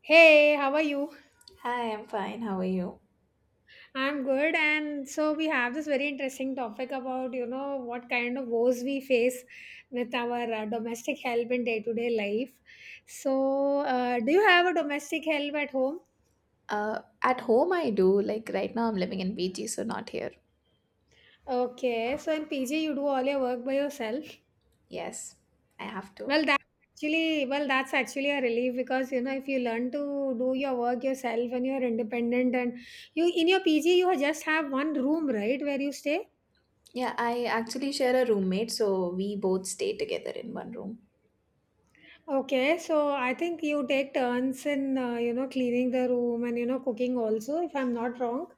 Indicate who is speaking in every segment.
Speaker 1: Hey, how are you?
Speaker 2: Hi, I'm fine. How are you?
Speaker 1: I'm good. And so we have this very interesting topic about, you know, what kind of woes we face with our domestic help in day-to-day life. So, do you have a domestic help at home?
Speaker 2: At home I do. Like right now I'm living in PG, so not here.
Speaker 1: Okay, so in PG you do all your work by yourself.
Speaker 2: Yes, I have to.
Speaker 1: Well, that well, that's actually a relief because you know if you learn to do your work yourself and you're independent and you in your PG you just have one room, right, where you stay?
Speaker 2: Yeah, I actually share a roommate, so we both stay together in one room.
Speaker 1: Okay, so I think you take turns in, you know, cleaning the room and, you know, cooking also, if I'm not wrong.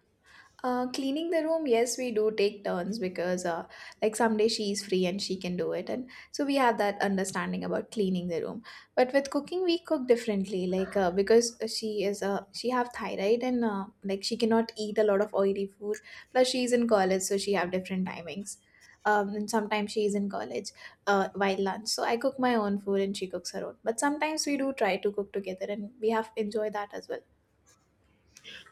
Speaker 2: Cleaning the room, yes, we do take turns because, like, someday she is free and she can do it. And so we have that understanding about cleaning the room. But with cooking, we cook differently, like, because she have thyroid and, like, she cannot eat a lot of oily food. Plus, she is in college, so she have different timings. And sometimes she is in college while lunch. So I cook my own food and she cooks her own. But sometimes we do try to cook together and we have enjoyed that as well.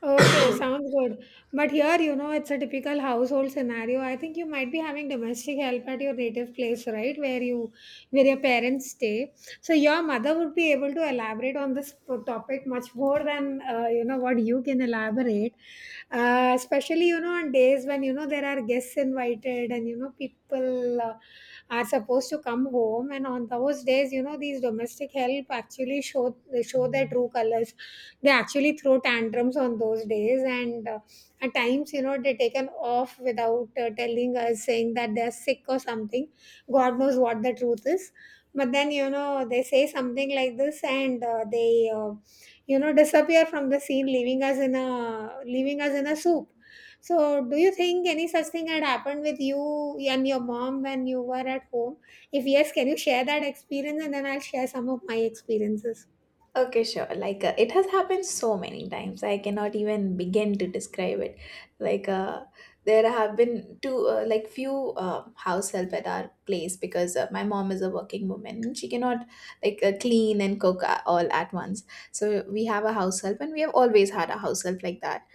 Speaker 1: Okay, sounds good. But here, you know, it's a typical household scenario. I think you might be having domestic help at your native place, right? Where your parents stay. So your mother would be able to elaborate on this topic much more than you know what you can elaborate. Especially you know on days when you know there are guests invited and you know people are supposed to come home, and on those days, you know these domestic help actually show their true colors. They actually throw tantrums on those days, and at times, you know, they taken off without telling us, saying that they're sick or something. God knows what the truth is. But then, you know, they say something like this, and you know, disappear from the scene, leaving us in a soup. So, do you think any such thing had happened with you and your mom when you were at home? If yes, can you share that experience and then I'll share some of my experiences?
Speaker 2: Okay, sure. It has happened so many times. I cannot even begin to describe it. Like uh, there have been two, like few house help at our place because my mom is a working woman, and she cannot clean and cook all at once. So we have a house help, and we have always had a house help like that.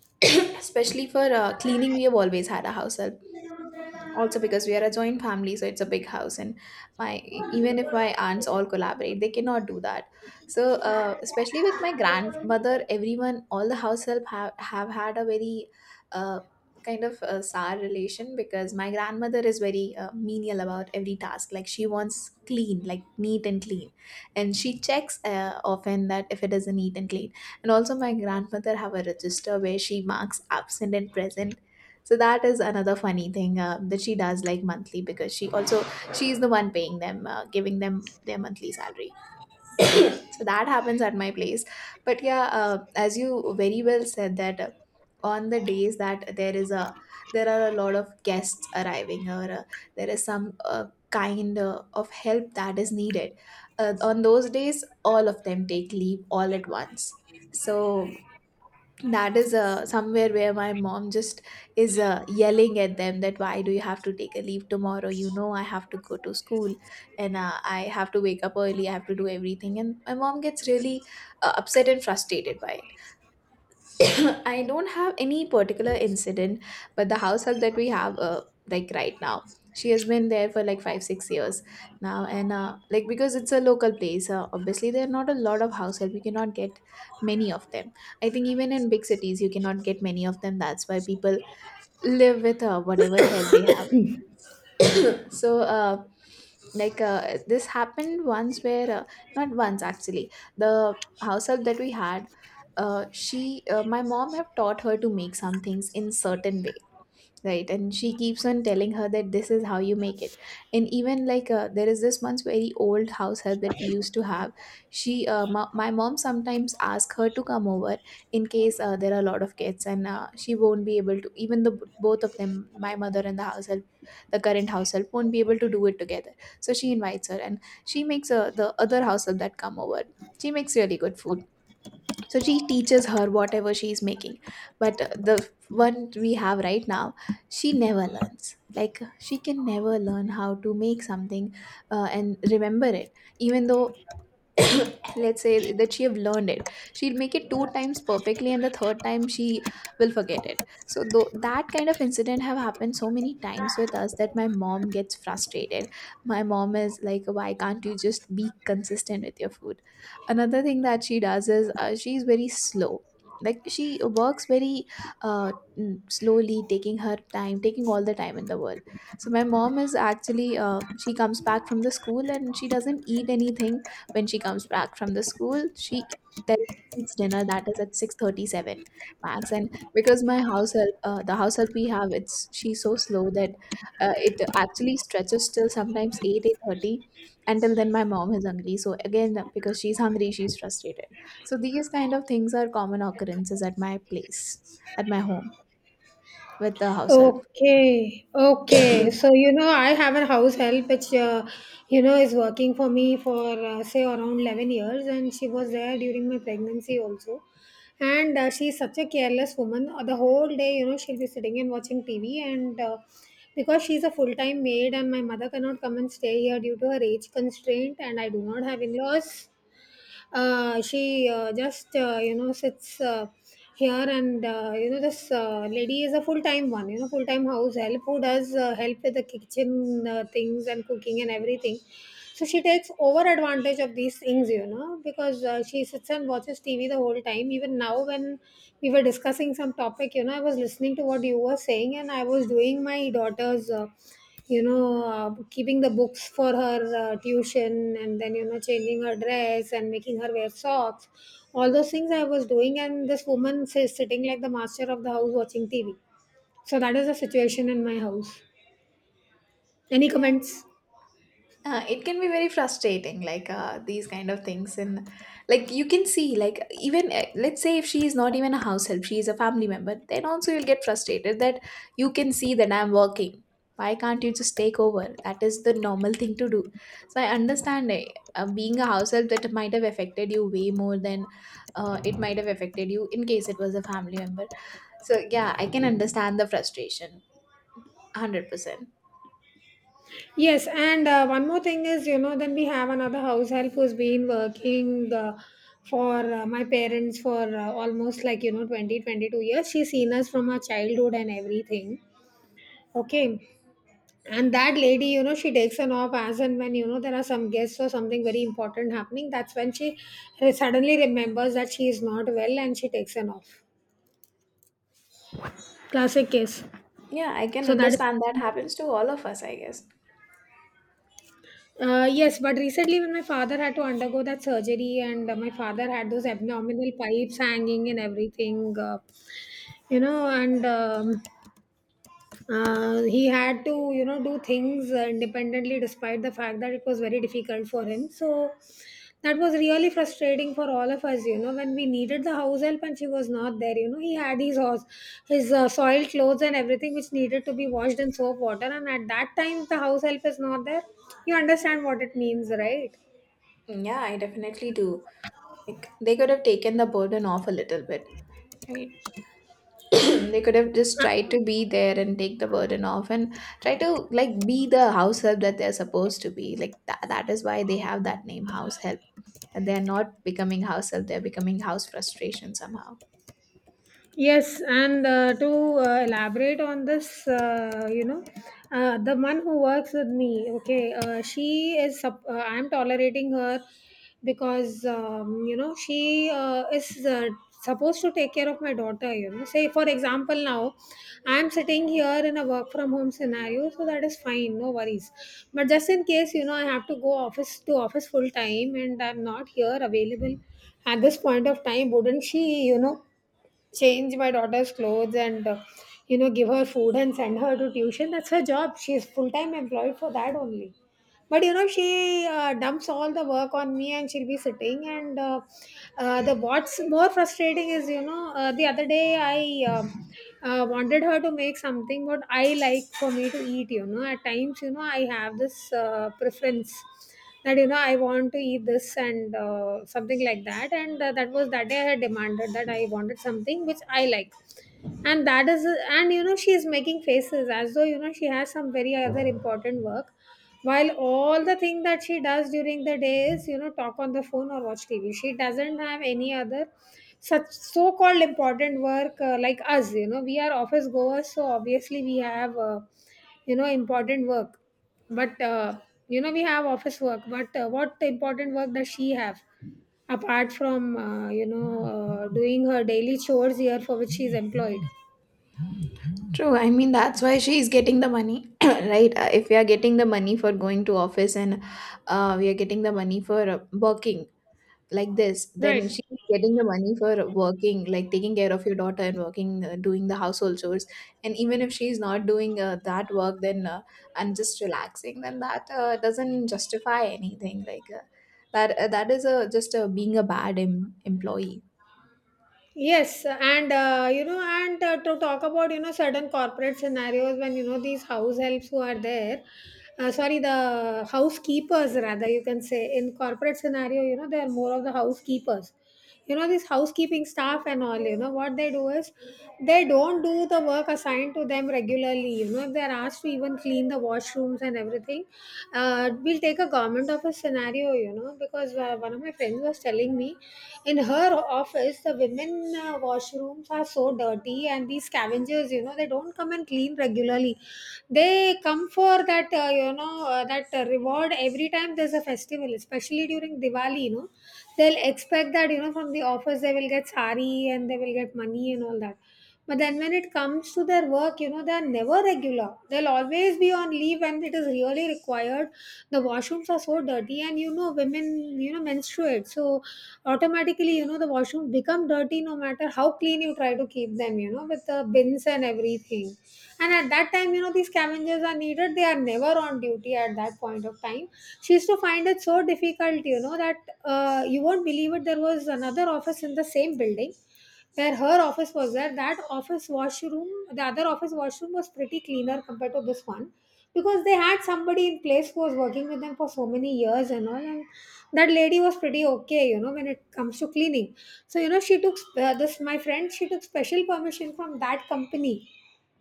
Speaker 2: Especially for cleaning, we have always had a house help, also because we are a joint family, so it's a big house, and my even if my aunts all collaborate, they cannot do that. So especially with my grandmother, everyone, all the house help have had a very uh, kind of a sour relation because my grandmother is very menial about every task, like she wants clean, like neat and clean, and she checks often that if it is a neat and clean. And also my grandmother have a register where she marks absent and present, so that is another funny thing that she does, like monthly, because she also, she's the one paying them, giving them their monthly salary. So that happens at my place. But yeah, as you very well said that on the days that there are a lot of guests arriving, or there is some kind of help that is needed. On those days, all of them take leave all at once. So that is somewhere where my mom just is yelling at them that why do you have to take a leave tomorrow, you know I have to go to school, and I have to wake up early, I have to do everything, and my mom gets really upset and frustrated by. I don't have any particular incident, but the house help that we have, like right now, she has been there for like five, 6 years now, and like because it's a local place, obviously there are not a lot of house help. You cannot get many of them. I think even in big cities, you cannot get many of them. That's why people live with whatever help they have. So this happened once where, not once actually, the house help that we had, she my mom have taught her to make some things in certain way, right, and she keeps on telling her that this is how you make it. And even there is this once very old house help that we used to have. My mom sometimes asks her to come over in case there are a lot of kids, and she won't be able to, even the both of them, my mother and the house help, the current house help, won't be able to do it together. So she invites her, and she makes the other house help that come over, she makes really good food, so she teaches her whatever she is making. But the one we have right now, she never learns, like she can never learn how to make something and remember it, even though let's say that she have learned it, she'll make it 2 times perfectly and the third time she will forget it. So though that kind of incident have happened so many times with us that my mom gets frustrated, my mom is like, why can't you just be consistent with your food? Another thing that she does is she's very slow, like she works very uh, slowly, taking her time, taking all the time in the world. So my mom is actually she comes back from the school and she doesn't eat anything. When she comes back from the school, she then eats dinner, that is at 6:37 max, and because my house help, the house help we have, it's she's so slow that it actually stretches till sometimes 8 8:30. Until then my mom is hungry, so again because she's hungry, she's frustrated. So these kind of things are common occurrences at my place, at my home, with the house help.
Speaker 1: Okay, okay. So, you know, I have a house help which, you know, is working for me for, say, around 11 years, and she was there during my pregnancy also. And she's such a careless woman. The whole day, you know, she'll be sitting and watching TV. And because she's a full time maid, and my mother cannot come and stay here due to her age constraint, and I do not have in laws, she just you know, sits here, and you know, this lady is a full time one, you know, full time house help who does help with the kitchen things and cooking and everything. So she takes over advantage of these things, you know, because she sits and watches TV the whole time. Even now when we were discussing some topic, you know, I was listening to what you were saying, and I was doing my daughter's, you know, keeping the books for her tuition, and then, you know, changing her dress and making her wear socks. All those things I was doing, and this woman is sitting like the master of the house watching TV. So that is the situation in my house. Any
Speaker 2: Yeah,
Speaker 1: comments?
Speaker 2: It can be very frustrating, like these kind of things, and like you can see, like even, let's say if she is not even a house help, she is a family member, then also you'll get frustrated that you can see that I'm working. Why can't you just take over? That is the normal thing to do. So I understand, being a house help that might have affected you way more than it might have affected you in case it was a family member. So yeah, I can understand the frustration, 100%.
Speaker 1: Yes, and one more thing is, you know, then we have another house help who's been working for my parents for almost like, you know, 20, 22 years. She's seen us from our childhood and everything. Okay. And that lady, you know, she takes an off as and when, you know, there are some guests or something very important happening. That's when she suddenly remembers that she is not well and she takes an off. Classic case.
Speaker 2: Yeah, I can
Speaker 1: So that
Speaker 2: understand that
Speaker 1: is.
Speaker 2: happens to all of us, I guess.
Speaker 1: Yes, but recently when my father had to undergo that surgery, and my father had those abdominal pipes hanging and everything, you know, and he had to, you know, do things independently, despite the fact that it was very difficult for him. So that was really frustrating for all of us, you know, when we needed the house help and she was not there. You know, he had his horse, his soiled clothes and everything which needed to be washed in soap water, and at that time if the house help is not there, you understand what it means, right?
Speaker 2: Yeah, I definitely do. Like they could have taken the burden off a little bit, right? They could have just tried to be there and take the burden off, and try to like be the house help that they're supposed to be. Like that is why they have that name, house help. And they're not becoming house help, they're becoming house frustration somehow.
Speaker 1: Yes, and to elaborate on this, you know, the one who works with me, okay, she is, I'm tolerating her because, you know, she is supposed to take care of my daughter, you know. Say, for example, now I'm sitting here in a work from home scenario, so that is fine, no worries. But just in case, you know, I have to go office, to office full time, and I'm not here available at this point of time, wouldn't she, you know, change my daughter's clothes, and you know, give her food and send her to tuition. That's her job, she's full time employed for that only. But you know, she dumps all the work on me, and she'll be sitting, and the what's more frustrating is, you know, the other day I wanted her to make something, what I like for me to eat. You know, at times, you know, I have this preference that, you know, I want to eat this, and something like that. And that was, that day I had demanded that I wanted something which I like, and that is. And you know, she is making faces as though, you know, she has some very other important work, while all the thing that she does during the day is, you know, talk on the phone or watch TV. She doesn't have any other such so-called important work, like us. You know, we are office goers, so obviously we have, you know, important work. But you know, we have office work. But what important work does she have, apart from, you know, doing her daily chores here for which she is employed?
Speaker 2: True. I mean, that's why she's getting the money, right? If we are getting the money for going to office, and we are getting the money for working like this,
Speaker 1: Right.
Speaker 2: then she's getting the money for working, like taking care of your daughter and working, doing the household chores. And even if she's not doing that work then and just relaxing, then that doesn't justify anything. That is a just being a bad employee.
Speaker 1: Yes, and to talk about, you know, certain corporate scenarios, when you know these house helps who are there, sorry, the housekeepers, rather, you can say, in corporate scenario, you know, they are more of the housekeepers. You know, this housekeeping staff and all, you know, what they do is, they don't do the work assigned to them regularly. You know, if they're asked to even clean the washrooms and everything, we'll take a government office scenario, you know, because one of my friends was telling me. In her office, the women washrooms are so dirty, and these scavengers, you know, they don't come and clean regularly. They come for that, reward every time there's a festival, especially during Diwali. You know, they'll expect that, you know, from the office they will get sari, and they will get money and all that. But then when it comes to their work, you know, they are never regular. They'll always be on leave when it is really required. The washrooms are so dirty, and you know, women, you know, menstruate. So automatically, you know, the washrooms become dirty no matter how clean you try to keep them, you know, with the bins and everything. And at that time, you know, these scavengers are needed. They are never on duty at that point of time. She used to find it so difficult, you know, that you won't believe it. There was another office in the same building where her office was there. That office washroom, was pretty cleaner compared to this one, because they had somebody in place who was working with them for so many years and all, and that lady was pretty okay, you know, when it comes to cleaning. So you know, she took, this my friend, she took special permission from that company.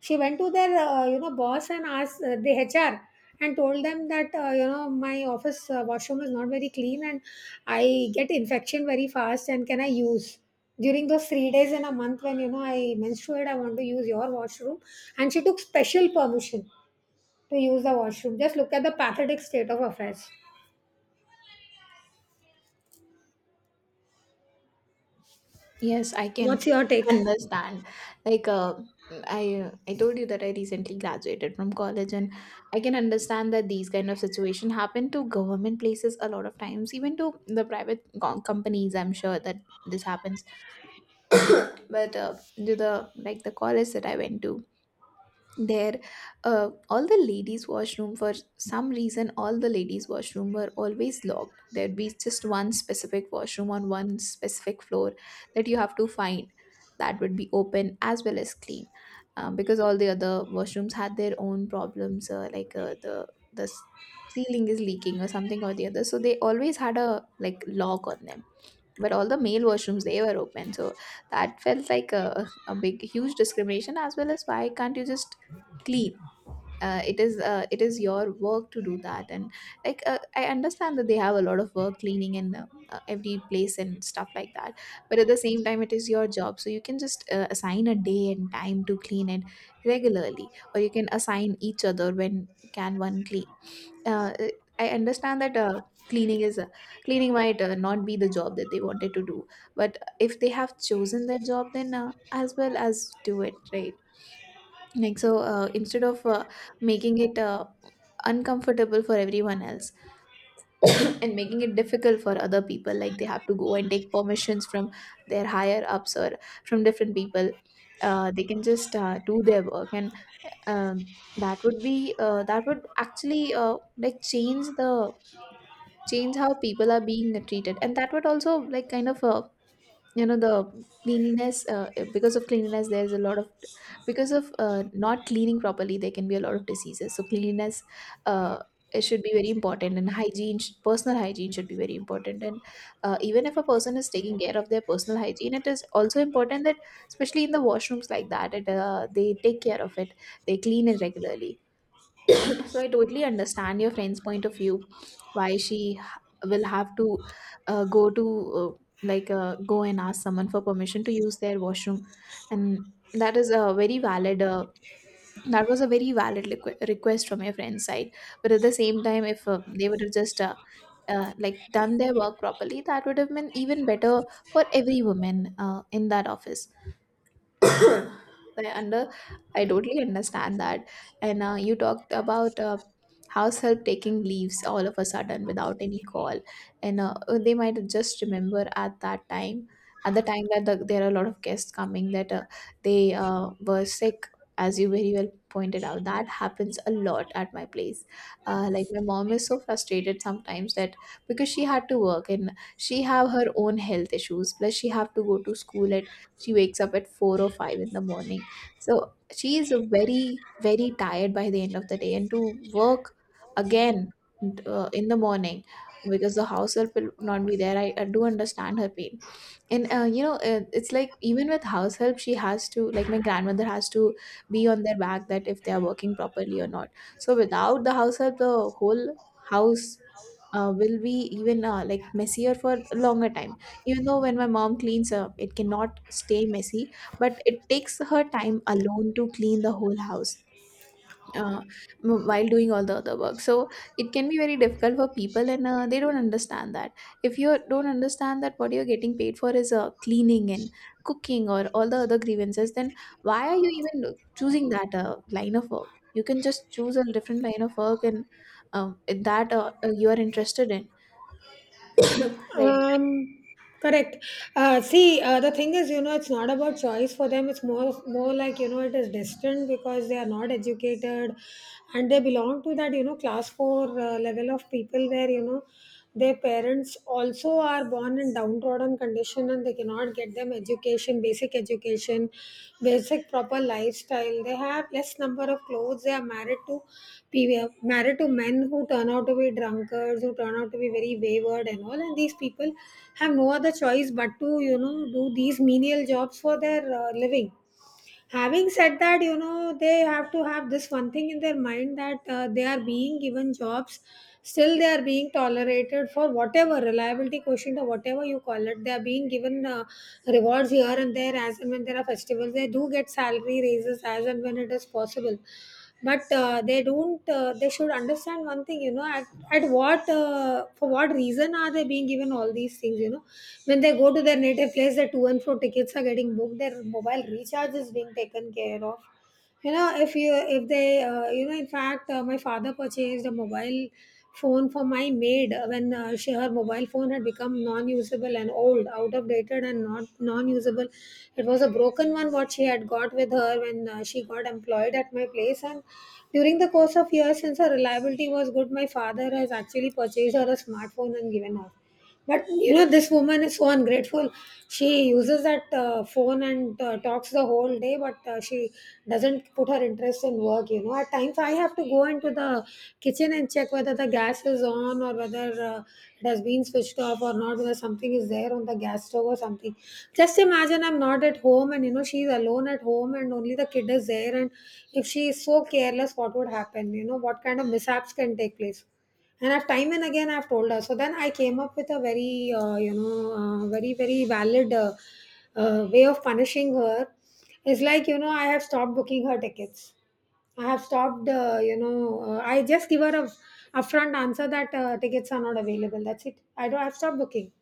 Speaker 1: She went to their, you know, boss and asked the HR, and told them that, you know, my office washroom is not very clean, and I get infection very fast, and can I use? During those 3 days in a month when, you know, I menstruate, I want to use your washroom. And she took special permission to use the washroom. Just look at the pathetic state of affairs.
Speaker 2: Yes, I
Speaker 1: What's
Speaker 2: can
Speaker 1: your take?
Speaker 2: understand. Like, uh, I told you that I recently graduated from college, and I can understand that these kind of situation happen to government places a lot of times, even to the private companies. I'm sure that this happens, but to the, like, the college that I went to, there all the ladies washroom, for some reason all the ladies washroom were always locked. There'd be just one specific washroom on one specific floor that you have to find that would be open as well as clean. Because all the other washrooms had their own problems, like the ceiling is leaking or something or the other, so they always had a like lock on them. But all the male washrooms, they were open. So that felt like a big huge discrimination, as well as, why can't you just clean? It is, it is your work to do that. And I understand that they have a lot of work, cleaning in every place and stuff like that, but at the same time it is your job, so you can just assign a day and time to clean it regularly, or you can assign each other, when can one clean. uh, I understand that cleaning is, cleaning might not be the job that they wanted to do, but if they have chosen that job, then as well as do it right. Like so, instead of making it uncomfortable for everyone else, and making it difficult for other people, like they have to go and take permissions from their higher ups or from different people, they can just do their work and. um that would be that would actually like change the change how people are being treated, and that would also like kind of the cleanliness. Because of cleanliness there's a lot of, because of not cleaning properly there can be a lot of diseases, so cleanliness, uh, it should be very important, and personal hygiene should be very important. And even if a person is taking care of their personal hygiene, it is also important that especially in the washrooms, like that they take care of it, they clean it regularly. So I totally understand your friend's point of view, why she will have to go to like go and ask someone for permission to use their washroom, and that is a very valid. That was a very valid request from your friend's side. But at the same time, if they would have just like done their work properly, that would have been even better for every woman in that office. And I totally understand that. And you talked about house help taking leaves all of a sudden without any call. And they might just remember at that time, at the time that there are a lot of guests coming, that they were sick. As you very well pointed out, that happens a lot at my place. Like my mom is so frustrated sometimes, that because she had to work, and she have her own health issues, plus she have to go to school. She wakes up at 4 or 5 in the morning. So she is very, very tired by the end of the day. And to work again in the morning, because the house help will not be there, I do understand her pain. And it's like even with house help, she has to, like my grandmother has to be on their back, that if they are working properly or not. So without the house help, the whole house will be even like messier for a longer time. Even though when my mom cleans up, it cannot stay messy, but it takes her time alone to clean the whole house, uh, while doing all the other work. So it can be very difficult for people, and they don't understand that. If you don't understand that what you're getting paid for is cleaning and cooking or all the other grievances, then why are you even choosing that line of work? You can just choose a different line of work and that you are interested in, right?
Speaker 1: Um, correct. See, the thing is, you know, it's not about choice for them. It's more like, you know, it is destined because they are not educated, and they belong to that, you know, class four level of people where, you know, their parents also are born in downtrodden condition and they cannot not get them education, basic education, basic proper lifestyle. They have less number of clothes. They are married to pe- married to men who turn out to be drunkards, who turn out to be very wayward and all, and these people have no other choice but to, you know, do these menial jobs for their living. Having said that, you know, they have to have this one thing in their mind that they are being given jobs, still they are being tolerated for whatever reliability quotient or whatever you call it. They are being given rewards here and there. As and when there are festivals, they do get salary raises as and when it is possible. But they don't they should understand one thing, you know, at what, for what reason are they being given all these things, you know? When they go to their native place, their to and fro tickets are getting booked, their mobile recharge is being taken care of. You know, if they you know, in fact, my father purchased a mobile phone for my maid when, she, her mobile phone had become non-usable and old, out of dated and not non-usable. It was a broken one, what she had got with her when, she got employed at my place. And during the course of years, since her reliability was good, my father has actually purchased her a smartphone and given her. But you know, this woman is so ungrateful. She uses that phone and talks the whole day, but she doesn't put her interest in work. You know, at times I have to go into the kitchen and check whether the gas is on or whether it has been switched off or not, whether something is there on the gas stove or something. Just imagine, I'm not at home and you know, she's alone at home and only the kid is there. And if she is so careless, what would happen? You know, what kind of mishaps can take place? And I've time and again I've told her. So then I came up with a very, very valid way of punishing her. It's like, you know, I have stopped booking her tickets. I have stopped. I just give her a upfront answer that tickets are not available. That's it. I don't, I've stopped booking.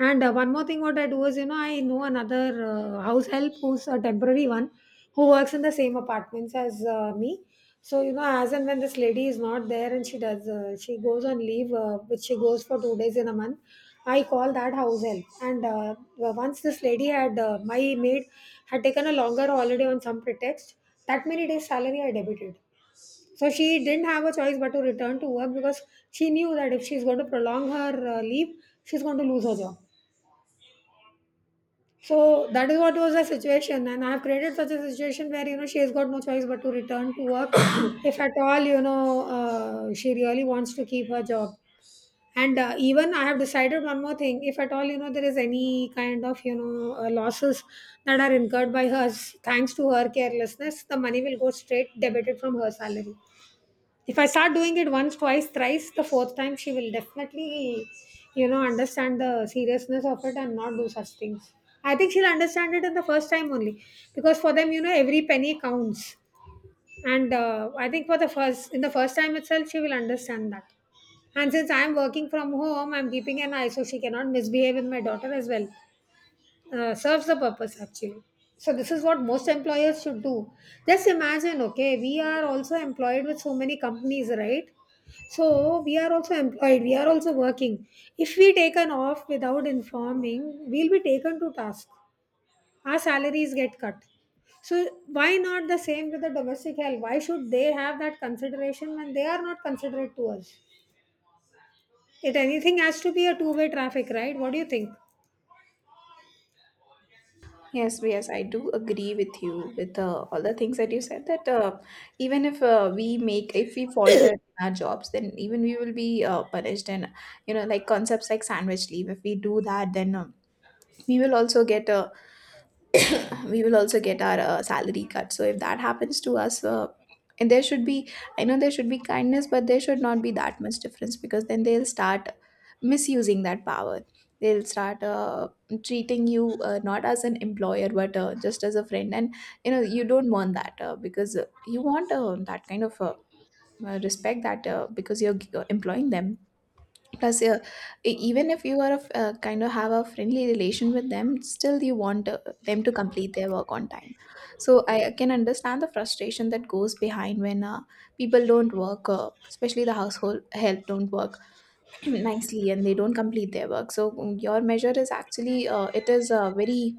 Speaker 1: And one more thing, what I do is, you know, I know another house help who's a temporary one, who works in the same apartments as me. So, you know, as and when this lady is not there and she goes on leave, which she goes for 2 days in a month, I call that house help. And once this lady had, my maid had taken a longer holiday on some pretext, that many days' salary I debited. So she didn't have a choice but to return to work, because she knew that if she's going to prolong her leave, she's going to lose her job. So that is what was the situation, and I have created such a situation where, you know, she has got no choice but to return to work, if at all, you know, she really wants to keep her job. And even I have decided one more thing: if at all, you know, there is any kind of, you know, losses that are incurred by her thanks to her carelessness, the money will go straight debited from her salary. If I start doing it once, twice, thrice, the fourth time she will definitely, you know, understand the seriousness of it and not do such things. I think she'll understand it in the first time only, because for them, you know, every penny counts. And I think for the first in the first time itself she will understand that. And since I'm working from home, I'm keeping an eye, so she cannot misbehave with my daughter as well. Serves the purpose, actually. So this is what most employers should do. Just imagine, okay, we are also employed with so many companies, right? So we are also employed, we are also working. If we taken off without informing, we'll be taken to task, our salaries get cut. So why not the same with the domestic help? Why should they have that consideration when they are not considerate to us? It, anything has to be a two-way traffic, right? What do you think?
Speaker 2: Yes, yes, I do agree with you with all the things that you said, that even if we make if we falter in our jobs, then even we will be punished, and you know, like concepts like sandwich leave. If we do that, then we will also get a we will also get our salary cut. So if that happens to us, and there should be, I know there should be kindness, but there should not be that much difference, because then they'll start misusing that power. They'll start treating you not as an employer, but just as a friend. And you know, you don't want that, because you want that kind of respect, that because you're employing them. Plus even if you are a kind of have a friendly relation with them, still you want them to complete their work on time. So I can understand the frustration that goes behind when people don't work, especially the household help don't work nicely, and they don't complete their work. So your measure is actually it is very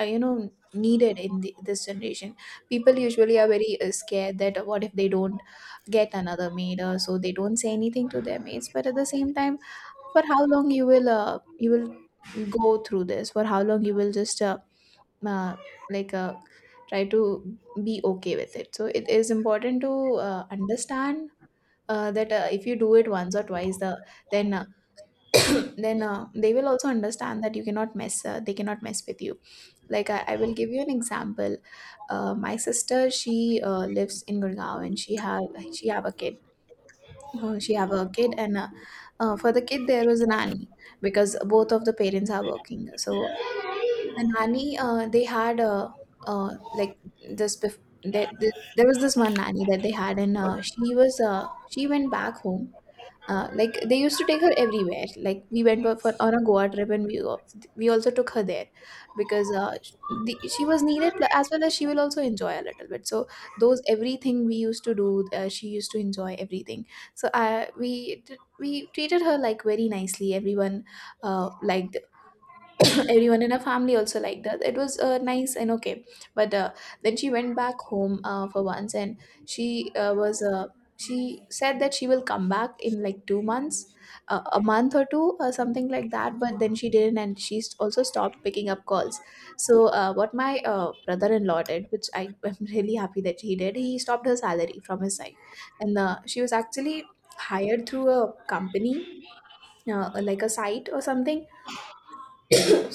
Speaker 2: uh, you know needed in this generation. People usually are very scared that what if they don't get another maid, so they don't say anything to their maids. But at the same time, for how long you will go through this, for how long you will just uh, like uh, try to be okay with it. So it is important to understand that if you do it once or twice, the then then they will also understand that you cannot mess they cannot mess with you. Like I will give you an example. My sister, she lives in Gurgaon, and she have a kid. She have a kid and For the kid there was a nanny, because both of the parents are working. So the nanny they had like this bef- there was this one nanny that they had. And she went back home. Like they used to take her everywhere. Like we went on a Goa trip, and we also took her there, because she was needed, as well as she will also enjoy a little bit. So those everything we used to do, she used to enjoy everything. So we treated her like very nicely. Everyone liked, everyone in her family also liked that, it was nice and okay. But then she went back home for once, and she uh, was uh, she said that she will come back in like 2 months, a month or two or something like that. But then she didn't, and she also stopped picking up calls. So what my brother-in-law did, which I am really happy that he did, he stopped her salary from his side. And she was actually hired through a company, like a site or something.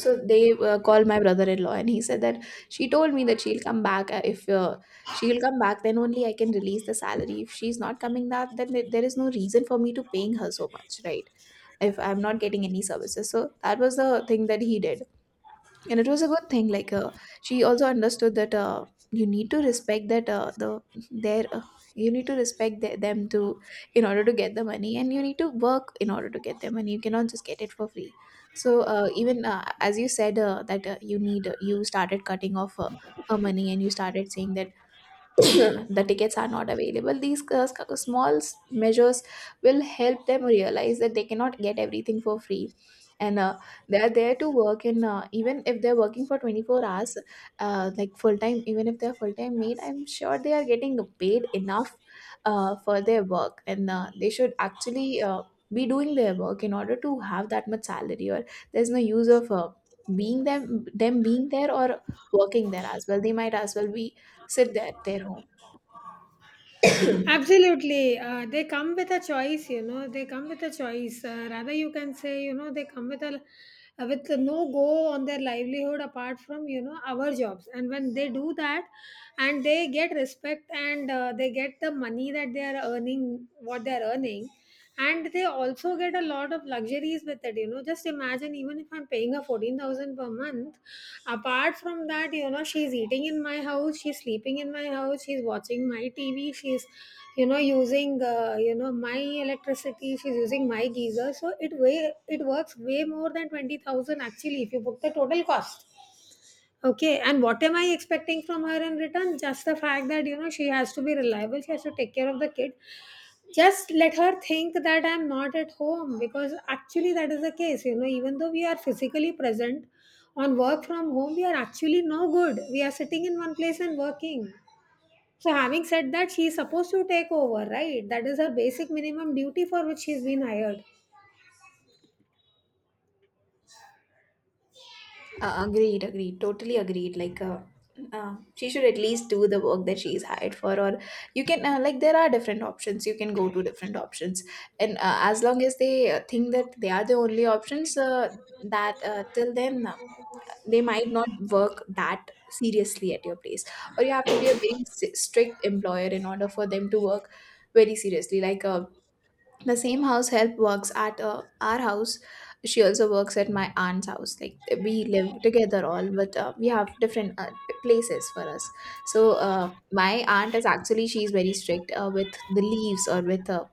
Speaker 2: So they called my brother-in-law, and he said that she told me that she'll come back. If she'll come back, then only I can release the salary. If she's not coming, that then there is no reason for me to paying her so much, right? If I'm not getting any services. So that was the thing that he did, and it was a good thing. Like she also understood that you need to respect that, the their you need to respect them, to in order to get the money. And you need to work in order to get their money, you cannot just get it for free. So even as you said, that you need, you started cutting off her money, and you started saying that the tickets are not available. These small measures will help them realize that they cannot get everything for free. And they are there to work. And even if they're working for 24 hours, like full time, even if they're full time made, I'm sure they are getting paid enough for their work. And they should actually be doing their work in order to have that much salary, or there's no use of being them them being there or working there. As well, they might as well be sit there at their home.
Speaker 1: Absolutely. They come with a choice, you know, they come with a choice. Rather, you can say, you know, they come with a with no go on their livelihood apart from, you know, our jobs. And when they do that, and they get respect, and they get the money that they are earning, what they are earning, and they also get a lot of luxuries with it. You know, just imagine, even if I'm paying her 14,000 per month, apart from that, you know, she's eating in my house, she's sleeping in my house, she's watching my TV, she's, you know, using my electricity, she's using my geyser. So it, way it works way more than 20,000 actually, if you put the total cost. Okay, and what am I expecting from her in return? Just the fact that, you know, she has to be reliable, she has to take care of the kid. Just let her think that I'm not at home, because actually that is the case. You know, even though we are physically present on work from home, we are actually no good. We are sitting in one place and working. So, having said that, she is supposed to take over, right? That is her basic minimum duty for which she's been hired.
Speaker 2: Agreed, agreed, totally agreed. Like, she should at least do the work that she is hired for, or you can, like there are different options. You can go to different options, and as long as they think that they are the only options, that till then they might not work that seriously at your place, or you have to be a very strict employer in order for them to work very seriously. Like, the same house help works at our house, she also works at my aunt's house. Like we live together, all, but we have different places for us. So my aunt is actually, she's very strict with the leaves, or with uh,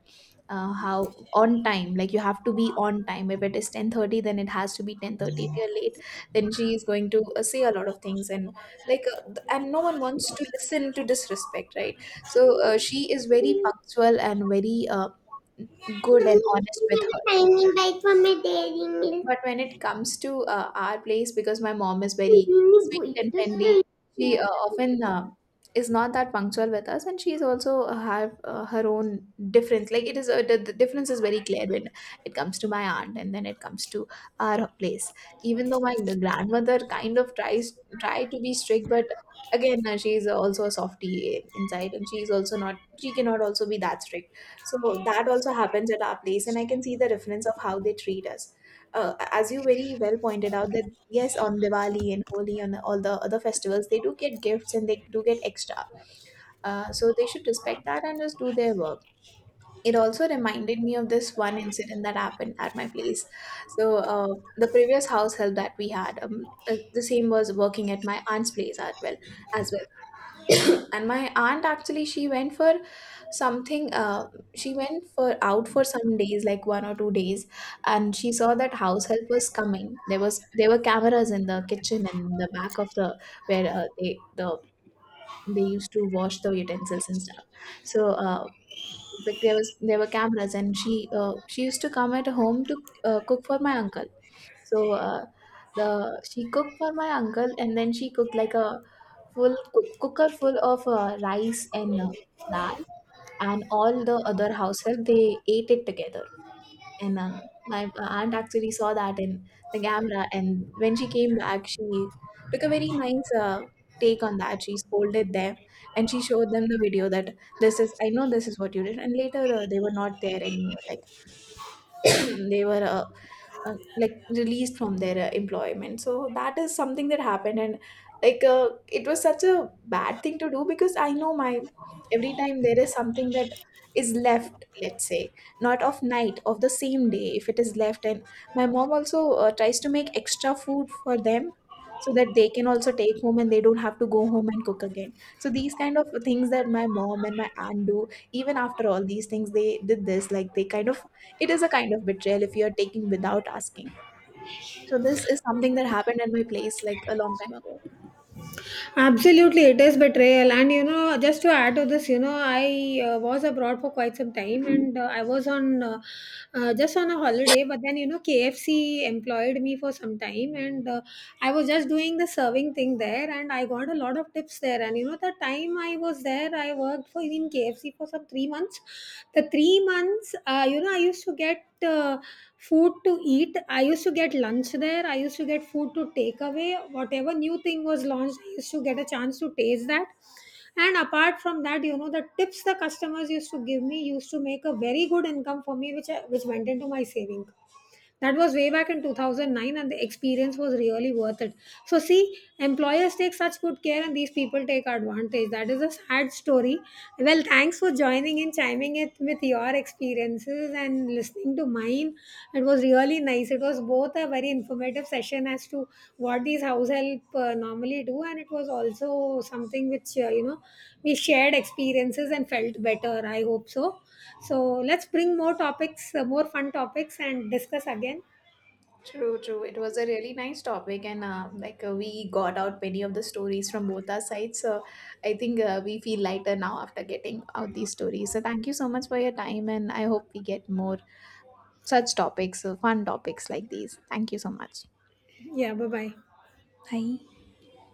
Speaker 2: uh, how on time, like you have to be on time. If it is 10:30, then it has to be 10:30. If you're late, then she is going to say a lot of things. And like and no one wants to listen to disrespect, right? So she is very punctual and very good and
Speaker 1: Mummy,
Speaker 2: honest with her.
Speaker 1: can you have a tiny bite from my dairy milk?
Speaker 2: But when it comes to our place, because my mom is very
Speaker 1: Mummy,
Speaker 2: sweet
Speaker 1: boy,
Speaker 2: and
Speaker 1: just
Speaker 2: friendly,
Speaker 1: a
Speaker 2: she often is not that punctual with us, and she's also have her own difference. Like it is, the difference is very clear when it comes to my aunt, and then it comes to our place. Even though my grandmother kind of tries try to be strict, but again, she's also a softie inside, and she's also not. She cannot also be that strict. So that also happens at our place, and I can see the difference of how they treat us. As you very well pointed out, that yes, on Diwali and Holi and all the other festivals they do get gifts and they do get extra, so they should respect that and just do their work. It also reminded me of this one incident that happened at my place. So the previous house help that we had, the same was working at my aunt's place as well. And my aunt actually, she went for something, she went for out for some days, like 1 or 2 days. And she saw that house help was coming. There was, there were cameras in the kitchen and the back of the they used to wash the utensils and stuff. So but there was there were cameras, and she used to come at home to cook for my uncle. So the she cooked for my uncle, and then she cooked like a cooker full of rice and dal, and all the other house help they ate it together. And my aunt actually saw that in the camera, and when she came back, she took a very nice take on that. She scolded them, and she showed them the video, that this is, I know this is what you did. And later they were not there anymore. Like they were like released from their employment. So that is something that happened. And like it was such a bad thing to do, because I know my, every time there is something that is left, let's say not of night of the same day, if it is left, and my mom also tries to make extra food for them, so that they can also take home and they don't have to go home and cook again. So these kind of things that my mom and my aunt do, even after all these things they did this, like they kind of, it is a kind of betrayal if you're taking without asking. So this is something that happened at my place like a long time ago.
Speaker 1: Absolutely, it is betrayal. And you know, just to add to this, you know, I was abroad for quite some time, and I was on just on a holiday. But then, you know, KFC employed me for some time, and I was just doing the serving thing there, and I got a lot of tips there there. And you know, the time I was there, I worked for in KFC for some 3 months. The 3 months, you know, I used to get food to eat. I used to get lunch there. I used to get food to take away. Whatever new thing was launched, I used to get a chance to taste that. And apart from that, you know, the tips the customers used to give me used to make a very good income for me, which which went into my saving. That was way back in 2009, and the experience was really worth it. So, see, employers take such good care, and these people take advantage. That is a sad story. Well, thanks for joining in, chiming it with your experiences, and listening to mine. It was really nice. It was both a very informative session as to what these house help normally do, and it was also something which, you know, we shared experiences and felt better. I hope so. So let's bring more topics, more fun topics, and discuss again.
Speaker 2: True, true. It was a really nice topic, and we got out many of the stories from both our sides. So I think we feel lighter now after getting out these stories. So thank you so much for your time, and I hope we get more such topics, fun topics like these. Thank you so much.
Speaker 1: Yeah, bye bye.
Speaker 2: Bye.